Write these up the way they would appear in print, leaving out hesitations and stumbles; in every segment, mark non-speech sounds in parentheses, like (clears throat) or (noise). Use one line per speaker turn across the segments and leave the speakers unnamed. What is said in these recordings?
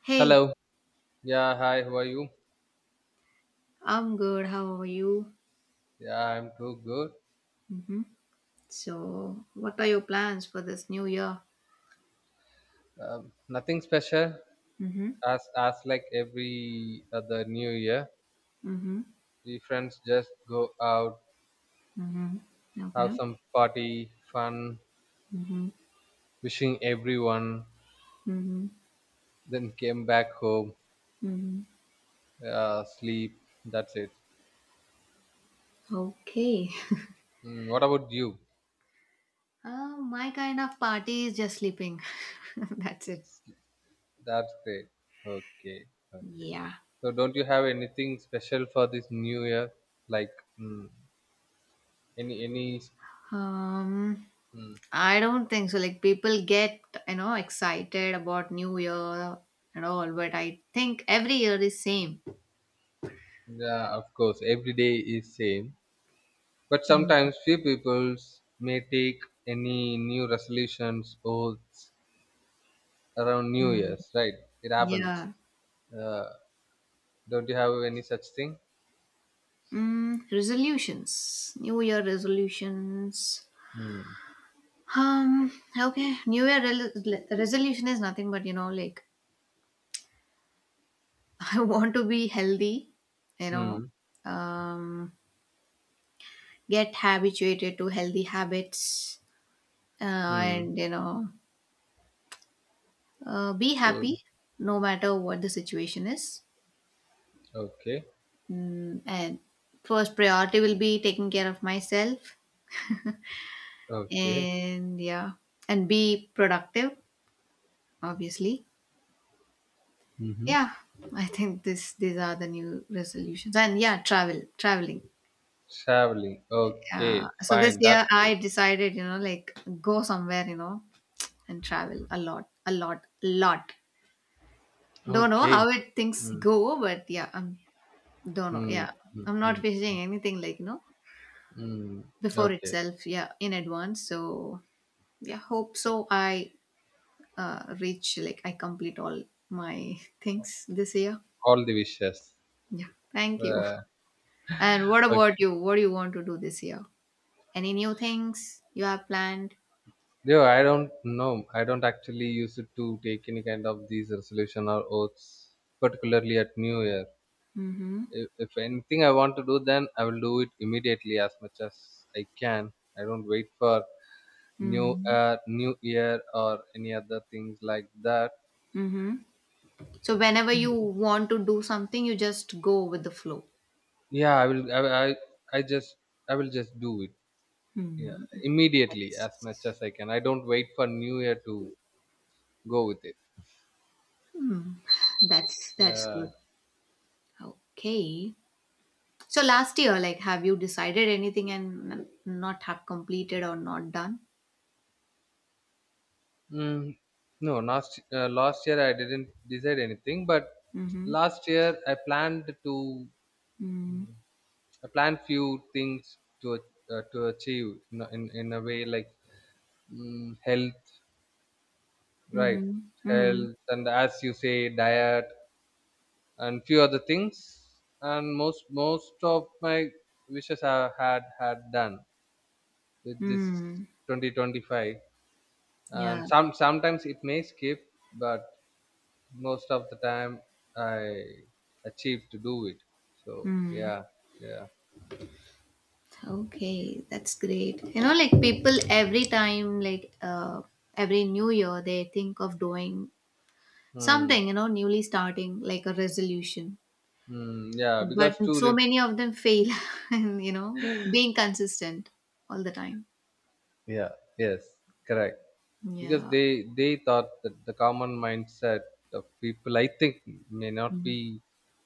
Hey,
Hello. Yeah, hi. How are you?
I'm good. How are you?
Yeah, I'm too good.
Mm-hmm. So, what are your plans for this new year?
Nothing special.
Mm-hmm.
As like every other New Year,
Mm-hmm.
we friends just go out,
Mm-hmm.
have
Okay.
some party, fun,
Mm-hmm.
wishing everyone,
Mm-hmm.
then came back home,
Mm-hmm.
sleep. That's it.
Okay.
What about you?
My kind of party is just sleeping. (laughs) That's it.
That's great. Okay, okay.
Yeah.
So, don't you have anything special for this New Year? Like mm, any any
Um,
mm,
I don't think so. Like people get excited about New Year and all, but I think every year is same.
Yeah, of course, every day is same, but sometimes few peoples may take any new resolutions oaths around New
Mm-hmm.
Year's, right? It happens.
Yeah.
Uh, don't you have any such thing?
Resolutions. New Year resolutions.
Hmm.
Um. Okay. New Year resolution is nothing but like (laughs) I want to be healthy. You know,
Hmm.
um, get habituated to healthy habits, uh,
Hmm.
and be
So,
happy no matter what the situation is.
okay.
And first priority will be taking care of myself,
Okay.
and yeah, and be productive, obviously.
Mm-hmm.
Yeah, I think this these are the new resolutions. And yeah, travel, traveling.
Traveling.
Uh,
Okay.
so this
Fine.
year
That's great.
I decided, like go somewhere, and travel a lot, lot. Don't know how
Okay.
it things
Hmm.
go, but yeah, I'm don't know.
Hmm.
Yeah,
Hmm.
I'm
Hmm.
not wishing anything like
Hmm.
before
Okay.
itself. Yeah, in advance. So yeah, hope so. I reach like I complete all my (laughs) things this year.
All the wishes.
Yeah, thank you.
Uh,
And what about you? What do you want to do this year? Any new things you have planned?
No, I don't know. I don't actually use it to take any kind of these resolution or oaths, particularly at New Year.
Mm-hmm.
If anything I want to do, then I will do it immediately as much as I can. I don't wait for New
Mm-hmm.
uh, New Year or any other things like that.
Mm-hmm. So whenever you want to do something, you just go with the flow.
Yeah, I will. I just I will just do it. Yeah,
Hmm.
immediately
That's
as much as I can. I don't wait for New Year to go with it.
that's
Yeah.
good. Okay. So last year, like, have you decided anything and not have completed or not done?
Mm, no, last year I didn't decide anything, but
Mm-hmm.
last year I planned to
Mm-hmm.
mm, I planned few things to achieve in, in a way like health, right?
Mm-hmm.
Health and as you say, diet and few other things. And most of my wishes I had done with this
Mm-hmm.
2025. And
Yeah.
sometimes it may skip, but most of the time I achieve to do it. So yeah, yeah,
Okay, that's great. You know, like people every time, like every new year, they think of doing
mm,
something, newly starting like a resolution.
yeah.
But so many of them fail, (laughs) and being consistent all the time.
Yeah, yes, correct. Because
Yeah.
they thought that the common mindset of people, I think, may not
Mm-hmm.
be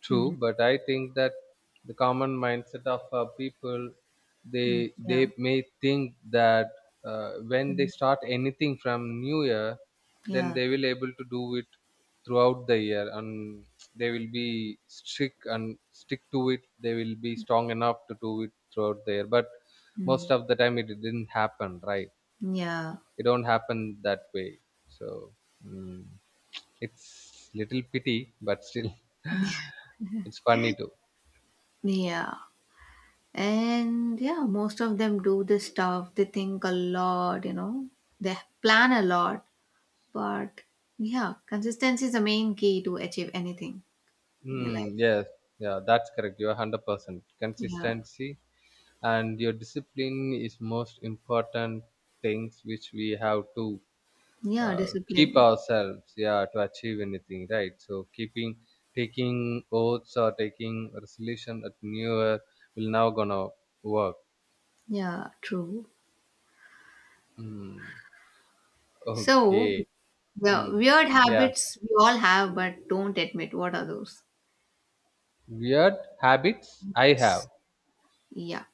true, but I think that the common mindset of people, they they
Yeah.
may think that when they
mm
start anything from New Year, then
Yeah.
they will able to do it throughout the year, and they will be strict and stick to it. They will be strong enough to do it throughout the year, but most
mm
of the time it didn't happen, right?
Yeah.
It don't happen that way. So, mm, it's little pity, but still (laughs) it's funny too.
Yeah. And yeah, most of them do this stuff. They think a lot, they plan a lot. But yeah, consistency is the main key to achieve anything in your life.
Yes. Yeah, that's correct. You're 100%
Yeah.
consistency, and your discipline is most important things which we have to
Yeah,
uh, keep
discipline.
ourselves, yeah, to achieve anything, right? So keeping taking oaths or taking resolution at New Year will now gonna work.
Yeah, true.
mm,
So,
okay.
yeah,
mm,
weird
yeah.
habits we all have but don't admit. What are those?
Weird habits I
It's,
have.
yeah.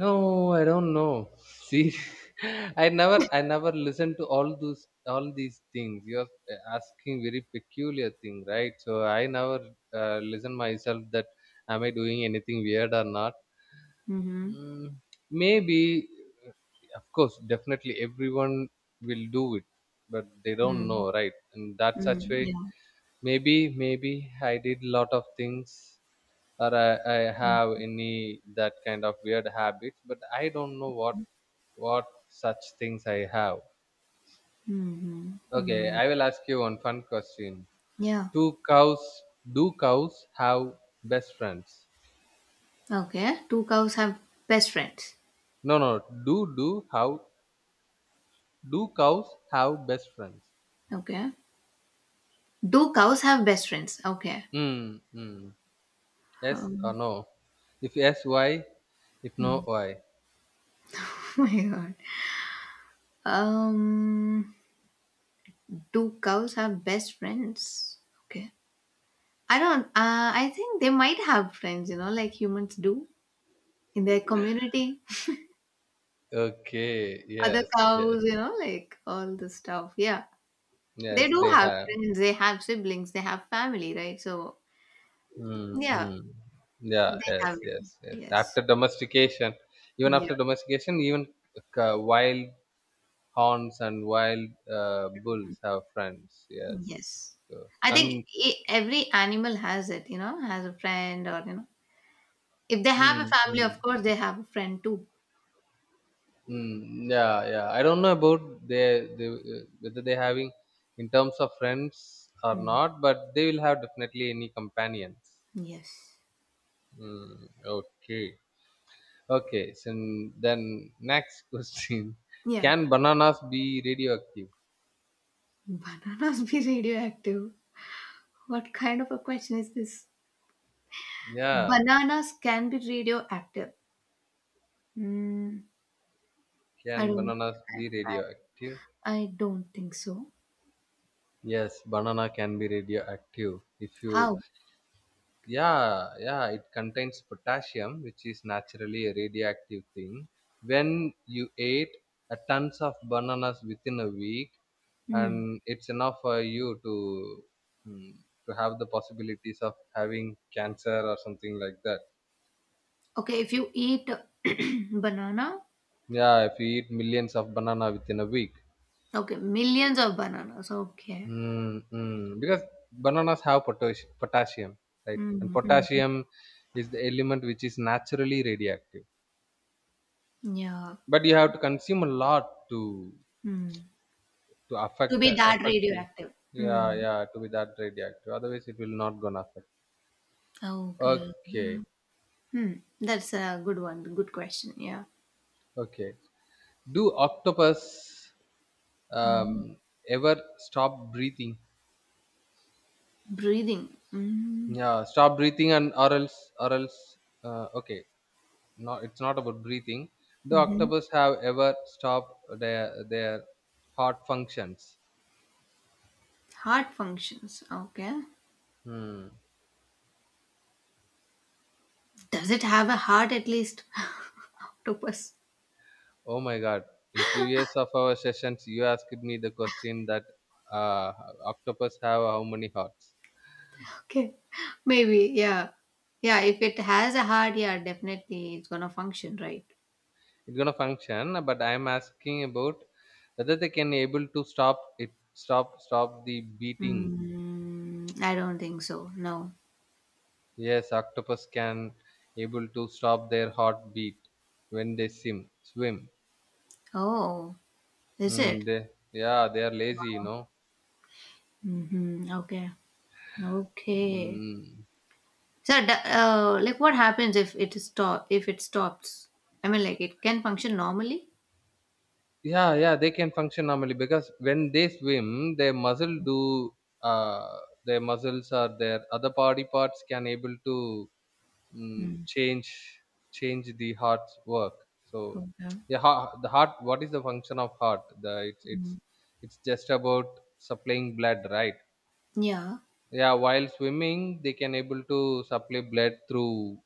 No, I don't know. See, (laughs) I never listen to all those, all these things. You're asking very peculiar thing, right? So I never listen myself that am I doing anything weird or not?
Mm-hmm.
Mm, Maybe, of course, definitely everyone will do it, but they don't
Mm-hmm.
know, right? And that such
Mm,
way,
yeah.
maybe I did lot of things, or I have any that kind of weird habits, but I don't know what such things I have.
Mm-hmm.
Okay,
Mm,
I will ask you one fun question.
yeah.
Do cows do cows have best friends?
Okay. Do cows have best friends?
No, no. do do how do cows have best friends?
Okay. Do cows have best friends? Okay.
Hmm. Hmm. Yes or
Um,
no? If yes, why? If no, why?
(laughs) oh my god. Um, Do cows have best friends? Okay. I don't, I think they might have friends, like humans do in their community.
Okay,
Other
yes, yes,
cows, like all the stuff. Yeah. They
yes,
do
they
have
have.
friends. They have siblings. They have family, right? So,
Hmm.
yeah,
Mm. Yeah,
they
yes,
have it.
yes, yes.
Yes. Yeah.
After domestication, even wild horns and wild bulls have friends. Yes,
Yes.
yes.
I think
and
every animal has it, has a friend or, if they have a
mm,
family, of
mm,
course, they have a friend too.
mm, Yeah, yeah. I don't know about they whether they having in terms of friends or
Mm.
not, but they will have definitely any companions.
Yes.
Okay. Okay, so then next (laughs) question.
Yeah.
Can bananas be radioactive?
Bananas be radioactive? What kind of a question is this?
Yeah,
Bananas can be radioactive. Hmm. I
can
don't.
bananas be radioactive?
I don't think so.
Yes, banana can be radioactive. If you,
How?
Yeah, yeah, it contains potassium, which is naturally a radioactive thing. When you ate a tons of bananas within a week,
Hmm.
and it's enough for you to mm, to have the possibilities of having cancer or something like that.
Okay, if you eat (clears throat) banana,
Yeah, if you eat millions of banana within a week,
okay, millions of bananas. Okay.
mm. Because bananas have potassium, right?
Mm,
And
mm, mm.
potassium is the element which is naturally radioactive,
Yeah.
but you have to consume a lot to
Mm. To
affect the
be that
affect you.
radioactive.
Yeah,
Mm.
yeah, to be that radioactive. Otherwise, it will not gonna affect.
Okay. Yeah.
Okay,
Hmm. That's a good one. Good question. Yeah.
okay. Do octopus
Mhm.
um, ever stop breathing?
Breathing. Mm-hmm.
Yeah, stop breathing and or else. Okay, not, it's not about breathing. Do octopus have ever stopped their heart functions?
Heart functions. Okay.
Hmm.
Does it have a heart at least? (laughs) Octopus.
Oh my God, in previous of our sessions you asked me the question that uh, octopus have how many hearts.
Okay. Maybe. Yeah. Yeah. If it has a heart, yeah, definitely it's gonna function, right?
It's gonna function, but I'm asking about whether they can able to stop it, stop the beating.
I don't think so. No.
Yes, octopus can able to stop their heartbeat when they swim.
Oh, is it?
They, yeah, they are lazy, you know.
Mm-hmm. Okay. Okay.
Mm.
So, like, what happens if it is stop? If it stops, I mean, like, it can function normally.
Yeah, yeah, they can function normally because when they swim, uh, their muscles or their other body parts can able to mm,
Mm.
change change the heart's work. So
Okay.
yeah, the heart. What is the function of heart? The
Mm.
it's just about supplying blood, right?
Yeah.
Yeah, while swimming, they can able to supply blood through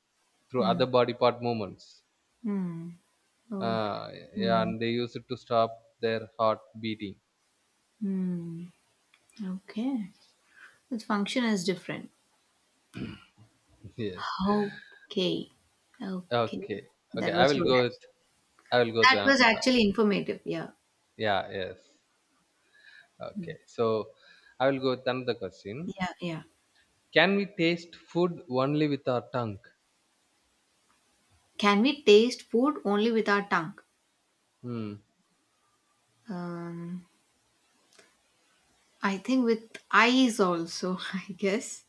Mm.
other body part movements.
Mm. Okay.
Yeah,
Hmm.
and they use it to stop their heart beating.
Hmm. Okay. The function is different.
(laughs) Yes.
Okay. Okay.
Okay. Okay.
That
I
was
will
good.
go with. I will go to.
That was
Uh,
actually informative. Yeah.
yeah. Yes.
Mm.
Okay. So, I will go with another question.
Yeah. Yeah.
Can we taste food only with our tongue?
Can we taste food only with our tongue?
Hmm.
Um, I think with eyes also, (laughs) I guess.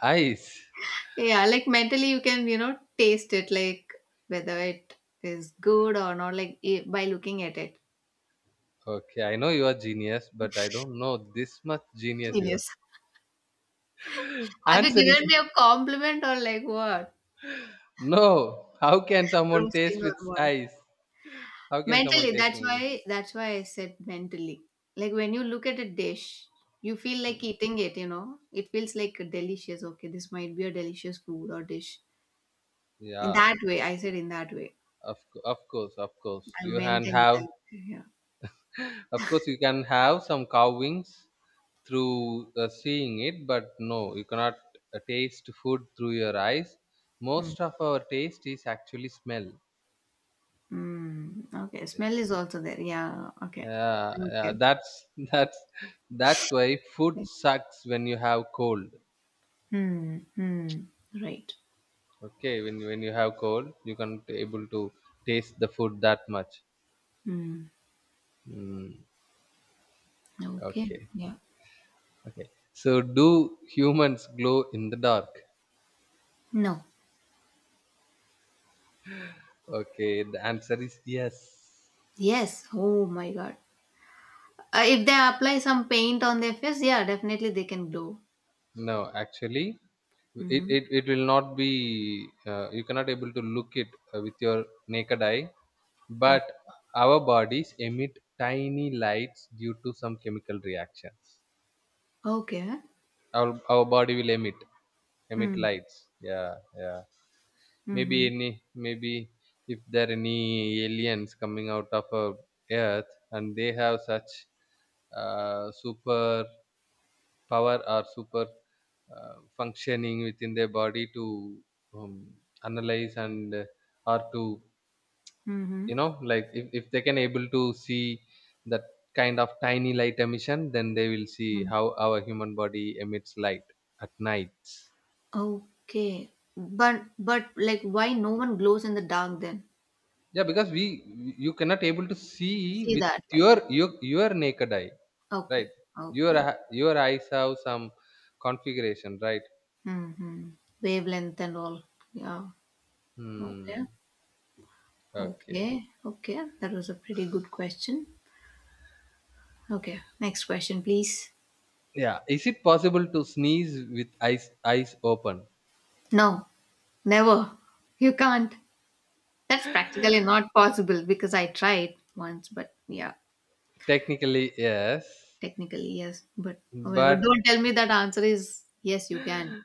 Eyes.
Yeah. Like mentally, you can, taste it, like whether it is good or not, like by looking at it.
Okay, I know you are genius, but I don't know this much genius you are.
Genius. Have you
Answer is
given me a compliment or like what?
no. How can someone
Roasting
taste
or
with
what?
eyes? How can someone
Mentally,
taste?
that's
Anything?
why that's why I said mentally. Like when you look at a dish, you feel like eating it. It feels like delicious. Okay, this might be a delicious food or dish. In
Yeah.
that way, I said in that way.
Of course.
I
You
meant
can
in that
have
way, yeah.
Of course, you can have some cow wings through seeing it, but no, you cannot taste food through your eyes.
Hmm.
Most of our taste is actually smell.
Mm. Okay, smell is also there. Yeah, okay.
Yeah, yeah,
Okay.
that's (laughs) that's why food sucks when you have cold.
Hmm. Hmm. Right.
Okay, when you have cold, you can't able to taste the food that much.
Hmm.
Mm,
Okay.
okay,
Yeah.
okay. So, do humans glow in the dark?
No.
Okay, the answer is yes.
Yes. Oh my God. If they apply some paint on their face, yeah, definitely they can glow.
No, actually, it
Mhm.
it, it will not be you cannot able to look it with your naked eye, but
No.
our bodies emit tiny lights due to some chemical reactions.
Okay.
Our body will emit
Mm.
lights, yeah, yeah. maybe
Mhm.
any maybe if there are any aliens coming out of earth, and they have such super power or super functioning within their body to um, analyze and, or to, you
Mhm.
know, like if they can able to see that kind of tiny light emission, then they will see
Mhm.
how our human body emits light at nights.
Okay. But like why no one glows in the dark then?
Yeah, because we you cannot able to see
See
with
that like
your naked eye, right?
okay.
your
Okay.
your eyes have some configuration, right?
Mm-hmm. Wavelength and all. Yeah. Okay.
Hmm. Okay.
Okay. Okay. That was a pretty good question. Okay. Next question, please.
Yeah. Is it possible to sneeze with eyes open?
No. Never. You can't. That's practically not possible because I tried once, but yeah.
Technically, yes,
Technically, yes. But oh my god,
but
don't tell me that answer is yes, you can.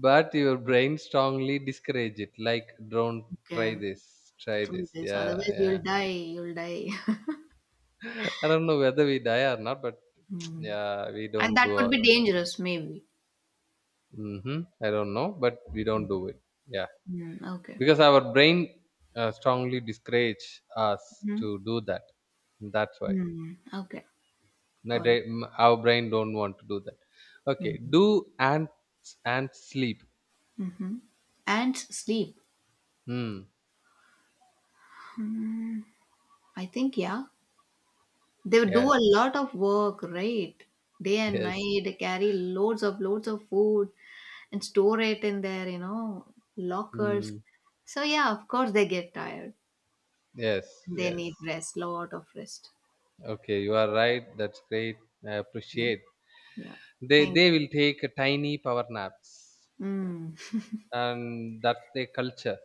your brain strongly discourage it. Like, don't
Okay,
try this. Try
try
this.
this.
Yeah,
Otherwise,
yeah.
you'll die. You'll die. (laughs)
(laughs) I don't know whether we die or not, but (tsk)
Hmm.
yeah, we
And
don't
that
do.
could be dangerous, maybe.
Mm-hmm, I don't know, but we don't do it. Yeah,
Hmm. Okay.
because our brain strongly discourage us
Hmm.
to do that. That's why.
Hmm. Okay. Or.
Our brain don't want to do that. Okay,
Hmm.
do ants ants sleep?
Mm-hmm. Ants sleep.
Hmm.
I think yeah, they do
Yes,
a lot of work, right? Day and
yes.
night, they carry loads of food and store it in their lockers.
Hmm.
So yeah, of course they get tired.
Yes,
They
yes.
need rest, lot of rest.
Okay, you are right, that's great. I
Yeah.
appreciate.
Yeah.
they
Thank.
they will take tiny power naps,
Mm,
and that's their culture.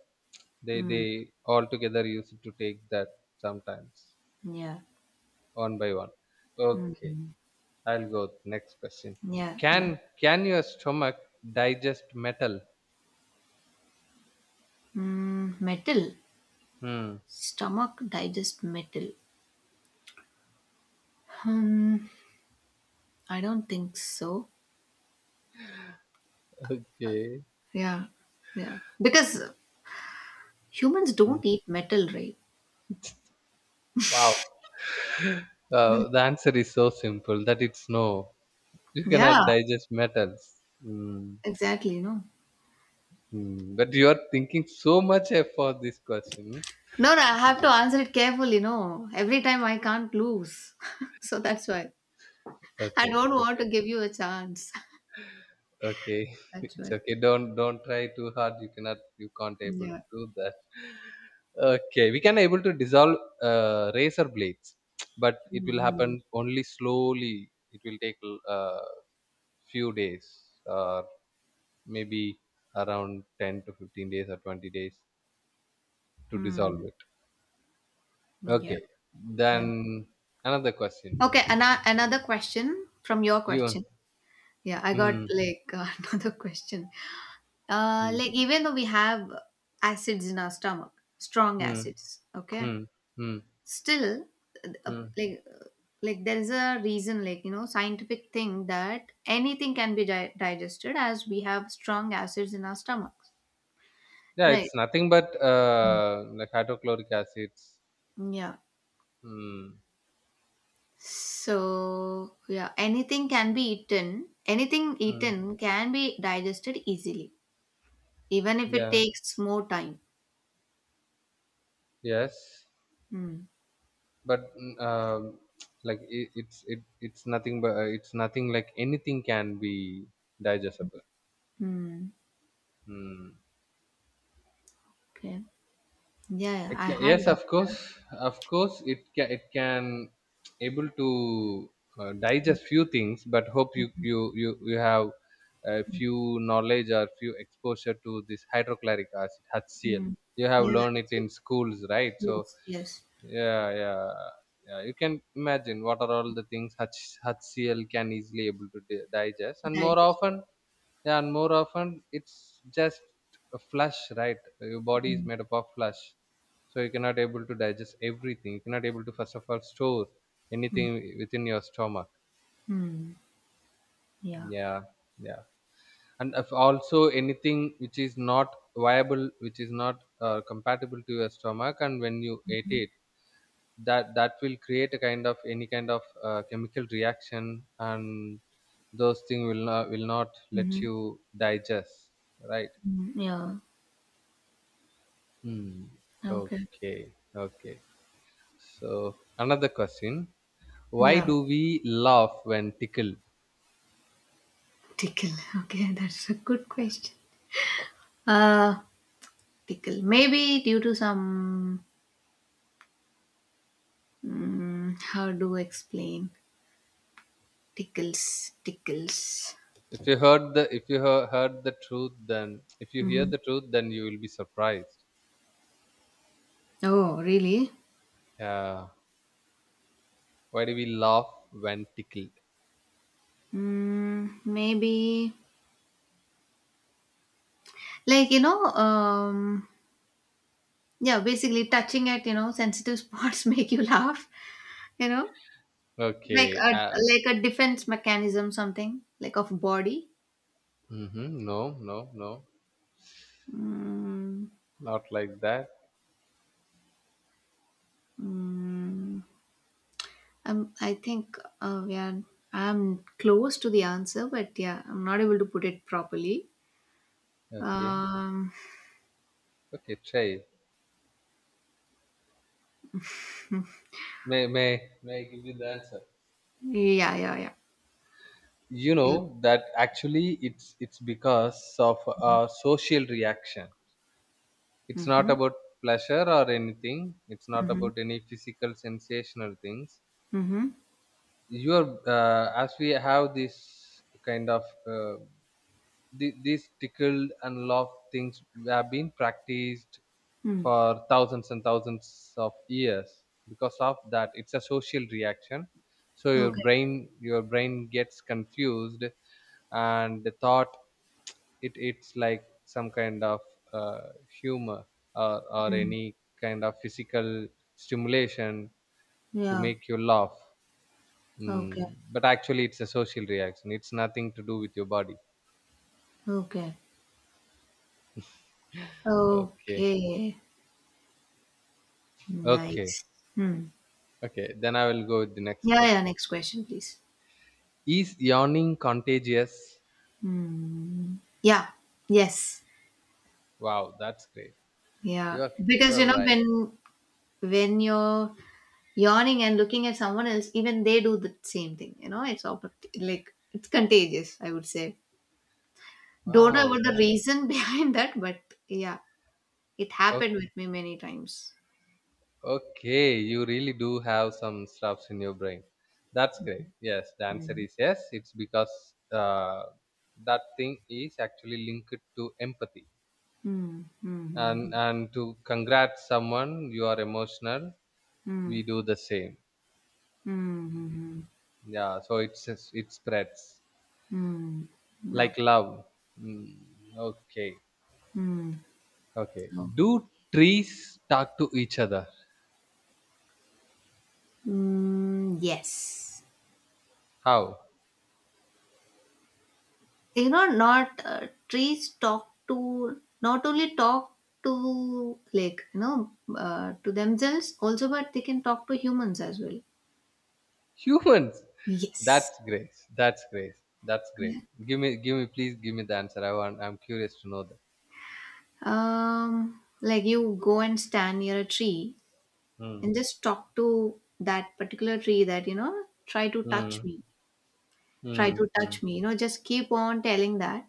they
mm,
they all together used to take that, sometimes
yeah.
one by one. Okay,
Mm,
I'll go next question.
yeah.
can
Yeah.
can your stomach digest metal?
Mm, metal.
Hmm.
Stomach digest metal. Um, I don't think so.
Okay.
Yeah. Yeah. Because humans
Mm.
don't eat metal, right?
Wow.
Like-
The answer is so simple that it's no. You cannot
Yeah.
digest metals. Mm.
Exactly. No.
Mm. But you are thinking so much for this question.
No, no, I have to answer it carefully. No, every time I can't lose, (laughs) so that's why I
Okay.
don't want to
Okay.
give you a chance.
Okay. (laughs)
That's
It's
right.
okay. Don't try too hard. You cannot. You can't able
Yeah.
to do that. Okay, we can able to dissolve razor blades, (tsk) but it will
Hmm.
happen only slowly. It will take uh, few days. Or. Maybe around 10 to 15 days or 20 days to dissolve
Hmm.
it.
Yeah,
Okay,
yeah.
then another question.
Okay, ana another question from your
You
question. Yeah, I got
mm,
like (laughs) another question.
mm,
Like even though we have acids in our stomach, strong
mm,
acids, okay,
mm, mm,
still, uh,
mm.
like, uh, like there is a reason, like scientific thing that anything can be di digested as we have strong acids in our stomachs,
Yeah, it's
right?
nothing but
Mm.
like hydrochloric acids.
Yeah.
mm,
So, yeah, anything can be eaten. Anything
mm,
eaten can be digested easily, even if it
yeah,
takes more time.
yes.
Hmm.
But (tsk) like it's nothing but it's nothing like anything can be digestible.
Hmm.
Hmm.
Okay. Yeah, yeah,
It
I
ca
had
Yes,
that.
of course, it can able to digest few things, but hope you have a few knowledge or few exposure to this hydrochloric acid HCl.
Hmm.
You have
Yeah,
learned it in schools, right? So
yes, yes.
yeah, yeah, yeah. You can imagine what are all the things H HCl can easily able to di digest, and more
Digest.
often yeah, and more often it's just a flush, right? Your body is
Hmm.
made up of flush, so you cannot able to digest everything. You cannot able to first of all store
Hmm.
anything within your stomach.
Hmm. Yeah.
Yeah, yeah, and if also anything which is not viable, which is not compatible to your stomach, and when you ate it, that will create a kind of any kind of chemical reaction, and those things will not let
Mm-hmm.
you digest, right?
Yeah.
Hmm.
Okay.
Okay. Okay. So another question: why
Yeah.
do we laugh when tickled?
Tickle. (laughs) Okay, that's a good question. Uh, Tickle. Maybe due to some. How do I explain? Tickles, tickles.
If you heard the if you hear- heard the truth, then if you hear
Mhm.
the truth, then you will be surprised.
Oh, really?
Yeah. Why do we laugh when tickled?
Maybe like yeah, basically touching at sensitive spots (laughs) make you laugh. You know, like
Okay.
a like a defense mechanism, something like of body.
Mm-hmm. No. No. No.
Mm,
Not like that.
mm, I think we are. I'm close to the answer, but yeah, I'm not able to put it properly.
Okay.
Um,
Okay. Try. May may may I give you the answer?
yeah, yeah, yeah.
You
Yeah.
know that actually it's because of a social reaction. It's not
Mm-hmm.
about pleasure or anything. It's not
Mm-hmm.
about any physical sensational things.
Mm-hmm.
Your as we have this kind of the, these tickled and laughed things have been practiced
Mm.
for thousands and thousands of years because of that it's a social reaction, so your
Okay.
brain your brain gets confused and the thought it's like some kind of uh, humor, or
Mm.
any kind of physical stimulation to
Yeah.
make you laugh.
Okay.
Mm. But actually it's a social reaction, it's nothing to do with your body.
Okay.
Okay.
Okay.
Okay.
Nice. Hmm.
Okay, then I will go with the next
Yeah. Yeah.
question.
Next question, please.
Is yawning contagious?
Hmm. Yeah. Yes.
Wow, that's great.
Yeah.
You're
Because you
you're
know
right.
when when you're yawning and looking at someone else, even they do the same thing. It's all like it's contagious. I would say. Don't know
Wow,
what the
that
reason (laughs) behind that, but yeah, it happened with
Okay.
me many times.
Okay, you really do have some stuffs in your brain. That's great. Yes, the answer
Hmm.
is yes. It's because uh, that thing is actually linked to empathy.
Hmm. Hmm. Hmm.
And to congrat someone, you are emotional. We
Hmm.
do the same.
Mm-hmm.
Mm, yeah, so it spreads
Mm.
like
Okay.
love. Mm, okay.
Mm.
Okay.
No.
Do trees talk to each other?
Yes.
How?
Not trees talk to not only talk to like to themselves also, but they can talk to humans as well.
Humans.
Yes.
That's great. That's great. That's great.
Yeah.
Please give me the answer. I want. I'm curious to know that.
Like you go and stand near a tree
Hmm.
and just talk to that particular tree that try to touch
Hmm.
me, try
Hmm.
to
Hmm.
touch me. Just keep on telling that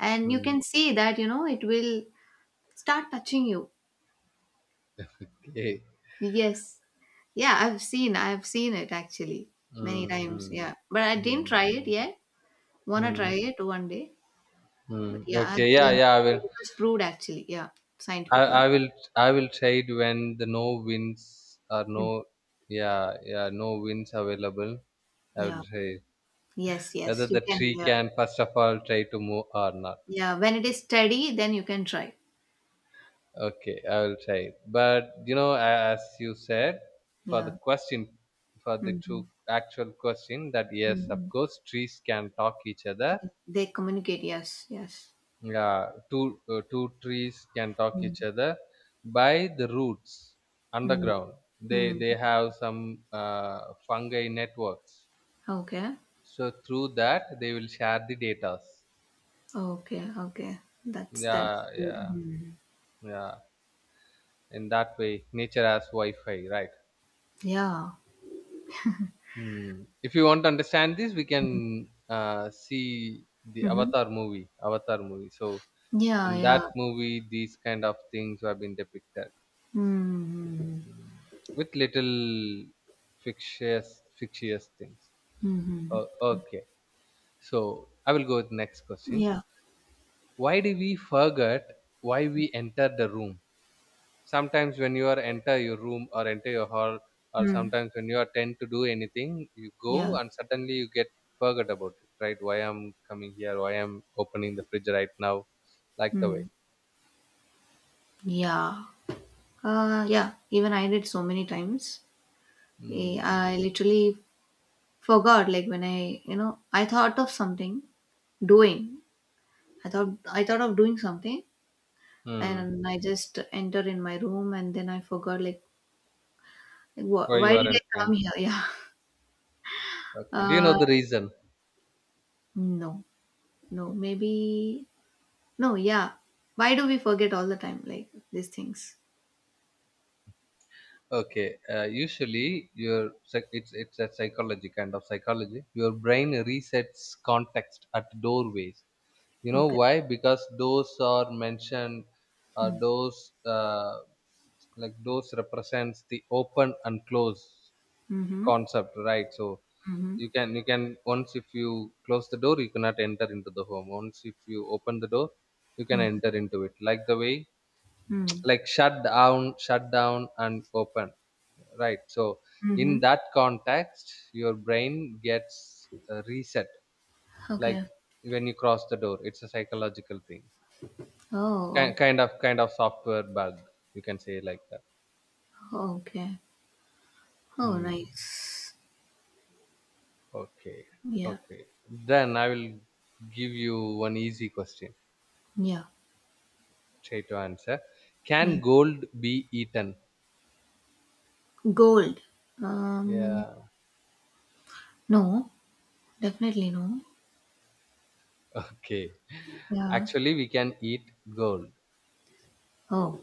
and you
Hmm.
can see that it will start touching you.
Okay.
Yes, yeah, I've seen it actually many
Hmm.
times,
Hmm.
yeah, but I didn't
Hmm.
try it
Hmm.
yet. Want to
Hmm.
try it one day, but
Hmm.
yeah, I've
Okay. Yeah.
seen
Yeah. I
it,
will.
it was proved actually, yeah,
I,
scientifically.
I will. I will try it when the no winds are
Hmm.
no. Yeah. Yeah. No winds available. I will
Yeah,
try,
yes,
whether
yes, you
the
can,
tree
yeah,
can first of all try to move or not.
yeah, when it is steady, then you can try,
Okay, I will try. But you know, as you said, for the
yeah.
question, for the true
Hmm.
actual question, that yes, of
Hmm.
course, trees can talk each other.
They communicate, yes, yes.
Yeah, two trees can talk each
Mm-hmm.
other by the roots underground. They
Mm.
they have some fungi networks.
Okay.
So through that, they will share the data.
Okay, okay. That's
Yeah,
good.
yeah,
Mm.
yeah, in that way nature has wi-fi, right?
Yeah.
Hmm. If you want to understand this, we can see the
hmm
Avatar movie, Avatar movie. So
Yeah,
in
yeah.
that movie these kind of things have been depicted.
Mm-hmm.
Hmm. With little fictitious fictitious things.
Mm-hmm.
uh, okay, so I will go with next question.
Yeah.
Why do we forget, why we enter the room? Sometimes when you are enter your room or enter your hall, or
Mm.
sometimes when you are tend to do anything, you go
Yeah.
and suddenly you get forget about it, right? Why I'm coming here? Why I'm opening the fridge right now? Like the way,
Mm. Yeah. Yeah. Even I did so many times.
hmm.
I literally forgot. Like when I thought of something doing. I thought of doing something,
Hmm.
and I just entered in my room, and then I forgot. Like,
Why you
why
are
did I come
entering.
here? (laughs) Yeah.
Okay, do you know
Uh,
the reason?
no. No, maybe no, yeah. Why do we forget all the time, like these things?
Okay, usually your it's a psychology, kind of psychology. Your brain resets context at doorways. You know
Okay.
why? Because those are mentioned,
Mm.
those uh, like those represents the open and close
Mm-hmm.
concept, right? So
Mm-hmm.
you can, you can, once if you close the door you cannot enter into the home, once if you open the door you can enter into it, like the way,
Mm-hmm.
(tsk) like shut down, and open, right? So in
Mm-hmm.
that context your brain gets reset, like
Okay.
when you cross the door, it's a psychological thing.
Oh,
Kind of software bug, you can say like that.
oh, okay. Oh,
Hmm.
nice.
Okay.
Yeah.
Okay, then I will give you one easy question,
Yeah.
straight to answer.
Yeah.
Can gold be eaten?
Gold. Um,
Yeah.
no, definitely no.
(laughs) okay,
Yeah.
actually we can eat gold.
Oh,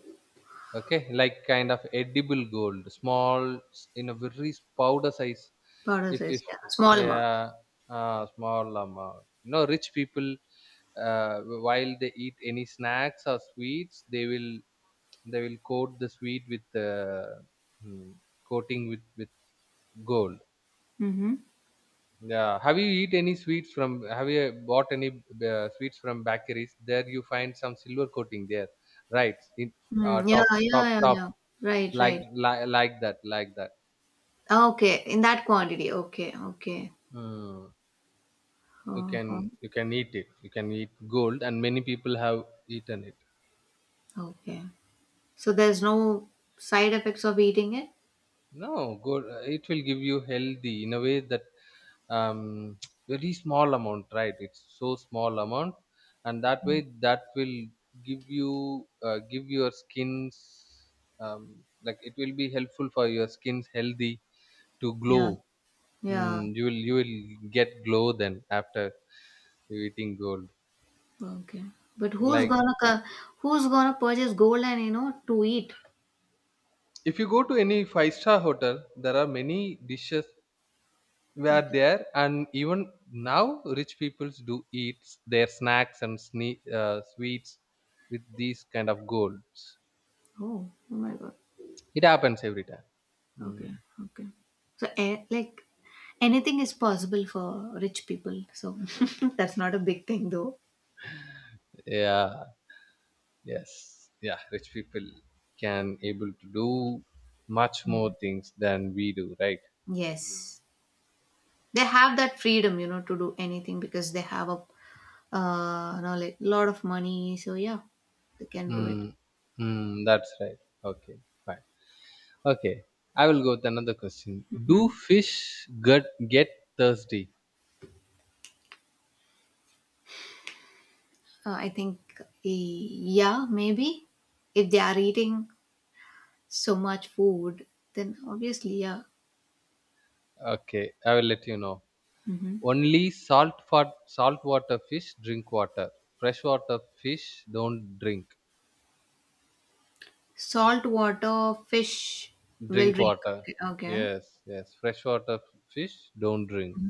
Okay, like kind of edible gold, small in a very powder size.
powder size.
If
Yeah. Small amount.
Yeah, small amount, you know, rich people, uh, while they eat any snacks or sweets, they will, they will coat the sweet with hmm, coating with gold.
Mm-hmm.
Yeah, have you eat any sweets from, have you bought any sweets from bakeries, there you find some silver coating there, right, in
Mm, yeah, yeah, yeah,
top,
yeah. Right,
like,
right.
that, like that.
Ah, okay. In that quantity. Okay, okay.
Mm. You can,
Uh-huh.
you can eat it, you can eat gold, and many people have eaten it.
Okay. So there's no side effects of eating it?
No, gold, it will give you healthy in a way that, um, (tsk) very small amount, right? It's so small amount, and that way that will give you, give your skins, um, like it will be helpful for your skins healthy to glow.
Yeah. Yeah.
Mm, you will, you will get glow then after you eating gold,
Okay. But who's
like,
gonna who's gonna purchase gold and to eat?
if you go to any five-star hotel, there are many dishes were
Okay.
there, and even now rich peoples do eat their snacks and sweets with these kind of golds.
Oh, oh my God.
It happens every time.
Okay.
Mm.
Okay. So like anything is possible for rich people. So (laughs) that's not a big thing though.
Yeah. Yes. Yeah. Rich people can able to do much more things than we do, right?
Yes. They have that freedom, to do anything because they have a lot of money. So yeah, they can do it.
Mm. Mm, that's right. Okay. Fine. Okay, I will go with another question. Do fish get thirsty?
I think, yeah, maybe. If they are eating so much food, then obviously, yeah.
Okay, I will let you know.
hmm
Only salt for saltwater fish drink water. Freshwater fish don't drink.
Salt water fish will
Drink
drink.
water.
Okay, okay.
Yes, yes. Freshwater fish don't drink.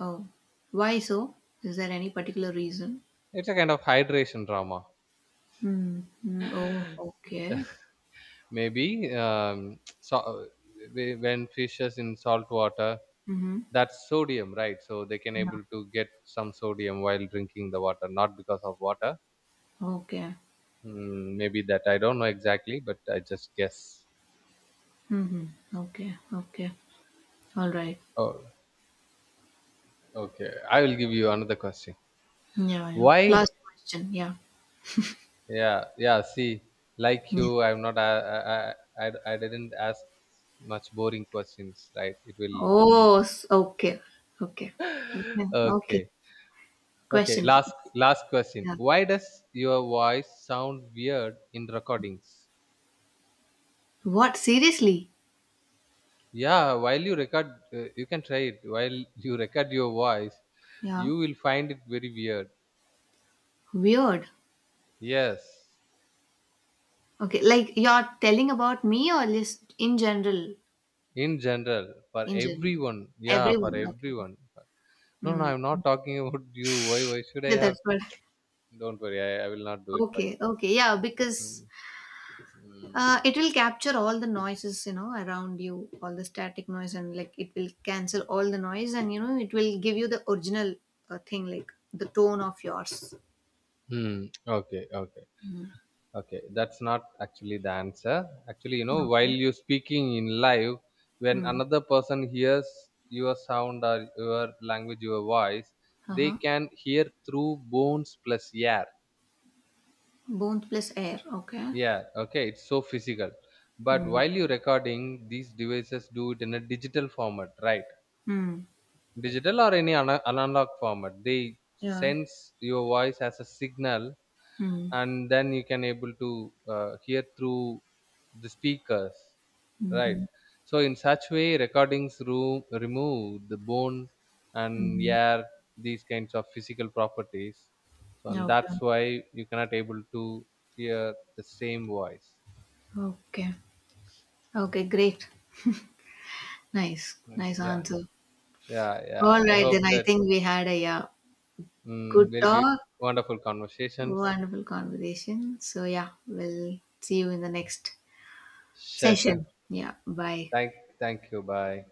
Oh, why so? Is there any particular reason?
It's a kind of hydration drama.
Hmm. Hmm. Oh, okay.
(laughs) Maybe so, when fish is in salt water,
hmm
that's sodium, right? So they can
No.
able to get some sodium while drinking the water, not because of water.
Okay.
Mm, maybe that I don't know exactly, but I just guess.
Mm-hmm. Okay. Okay. All right.
Oh, okay. I will give you another question.
Yeah. Yeah.
Why?
Last question. Yeah.
Yeah, yeah. See, like
Yeah.
you, I'm not. I didn't ask much boring questions, right? It will.
Oh. Okay. Okay. Okay.
(laughs)
Okay.
okay, okay.
Question, please.
Last, last question.
Yeah.
Why does your voice sound weird in recordings?
What? Seriously?
Yeah, while you record, you can try it while (laughs) you record your voice,
Yeah.
you will find it very weird.
Weird.
Yes.
Okay, like you're telling about me or just in general?
In general, for
In general.
everyone, yeah, for
Everyone. Okay.
everyone. No
Hmm.
I'm not talking (laughs) about you, why should I
Yeah,
have,
that's what.
don't worry, I will not do it for you.
Okay, okay. Yeah, because
Mm. Mm.
it will capture all the noises, around you, all the static noise, and like it will cancel all the noise, and it will give you the original thing, like the tone of yours.
Mm. Okay, okay.
Mm.
Okay, that's not actually the answer. Actually, you know, while
Okay.
you're speaking in live, when
Mm.
another person hears your sound or your language, your voice,
Uh
they
huh.
can hear through bones plus air.
Bones plus air. Okay.
Yeah, okay, it's so physical. But
Mm.
while you're recording, these devices do it in a digital format, right?
Mm.
Digital or any analog format. They
Yeah.
sense your voice as a signal,
Mm.
and then you can able to hear through the speakers, right?
Mhm.
So in such way recordings room remove the bone and
Mhm.
air, these kinds of physical properties, so and
Okay.
that's why you cannot able to hear the same voice.
Okay. Okay, great. Nice. Nice
Yeah,
answer.
yeah, yeah,
All
I
right, then
hope
I
that,
think we had a yeah, good
mm, very beautiful,
talk,
wonderful conversations,
wonderful conversation. So yeah, we'll see you in the next
session,
session. Yeah, bye.
thank thank you, bye.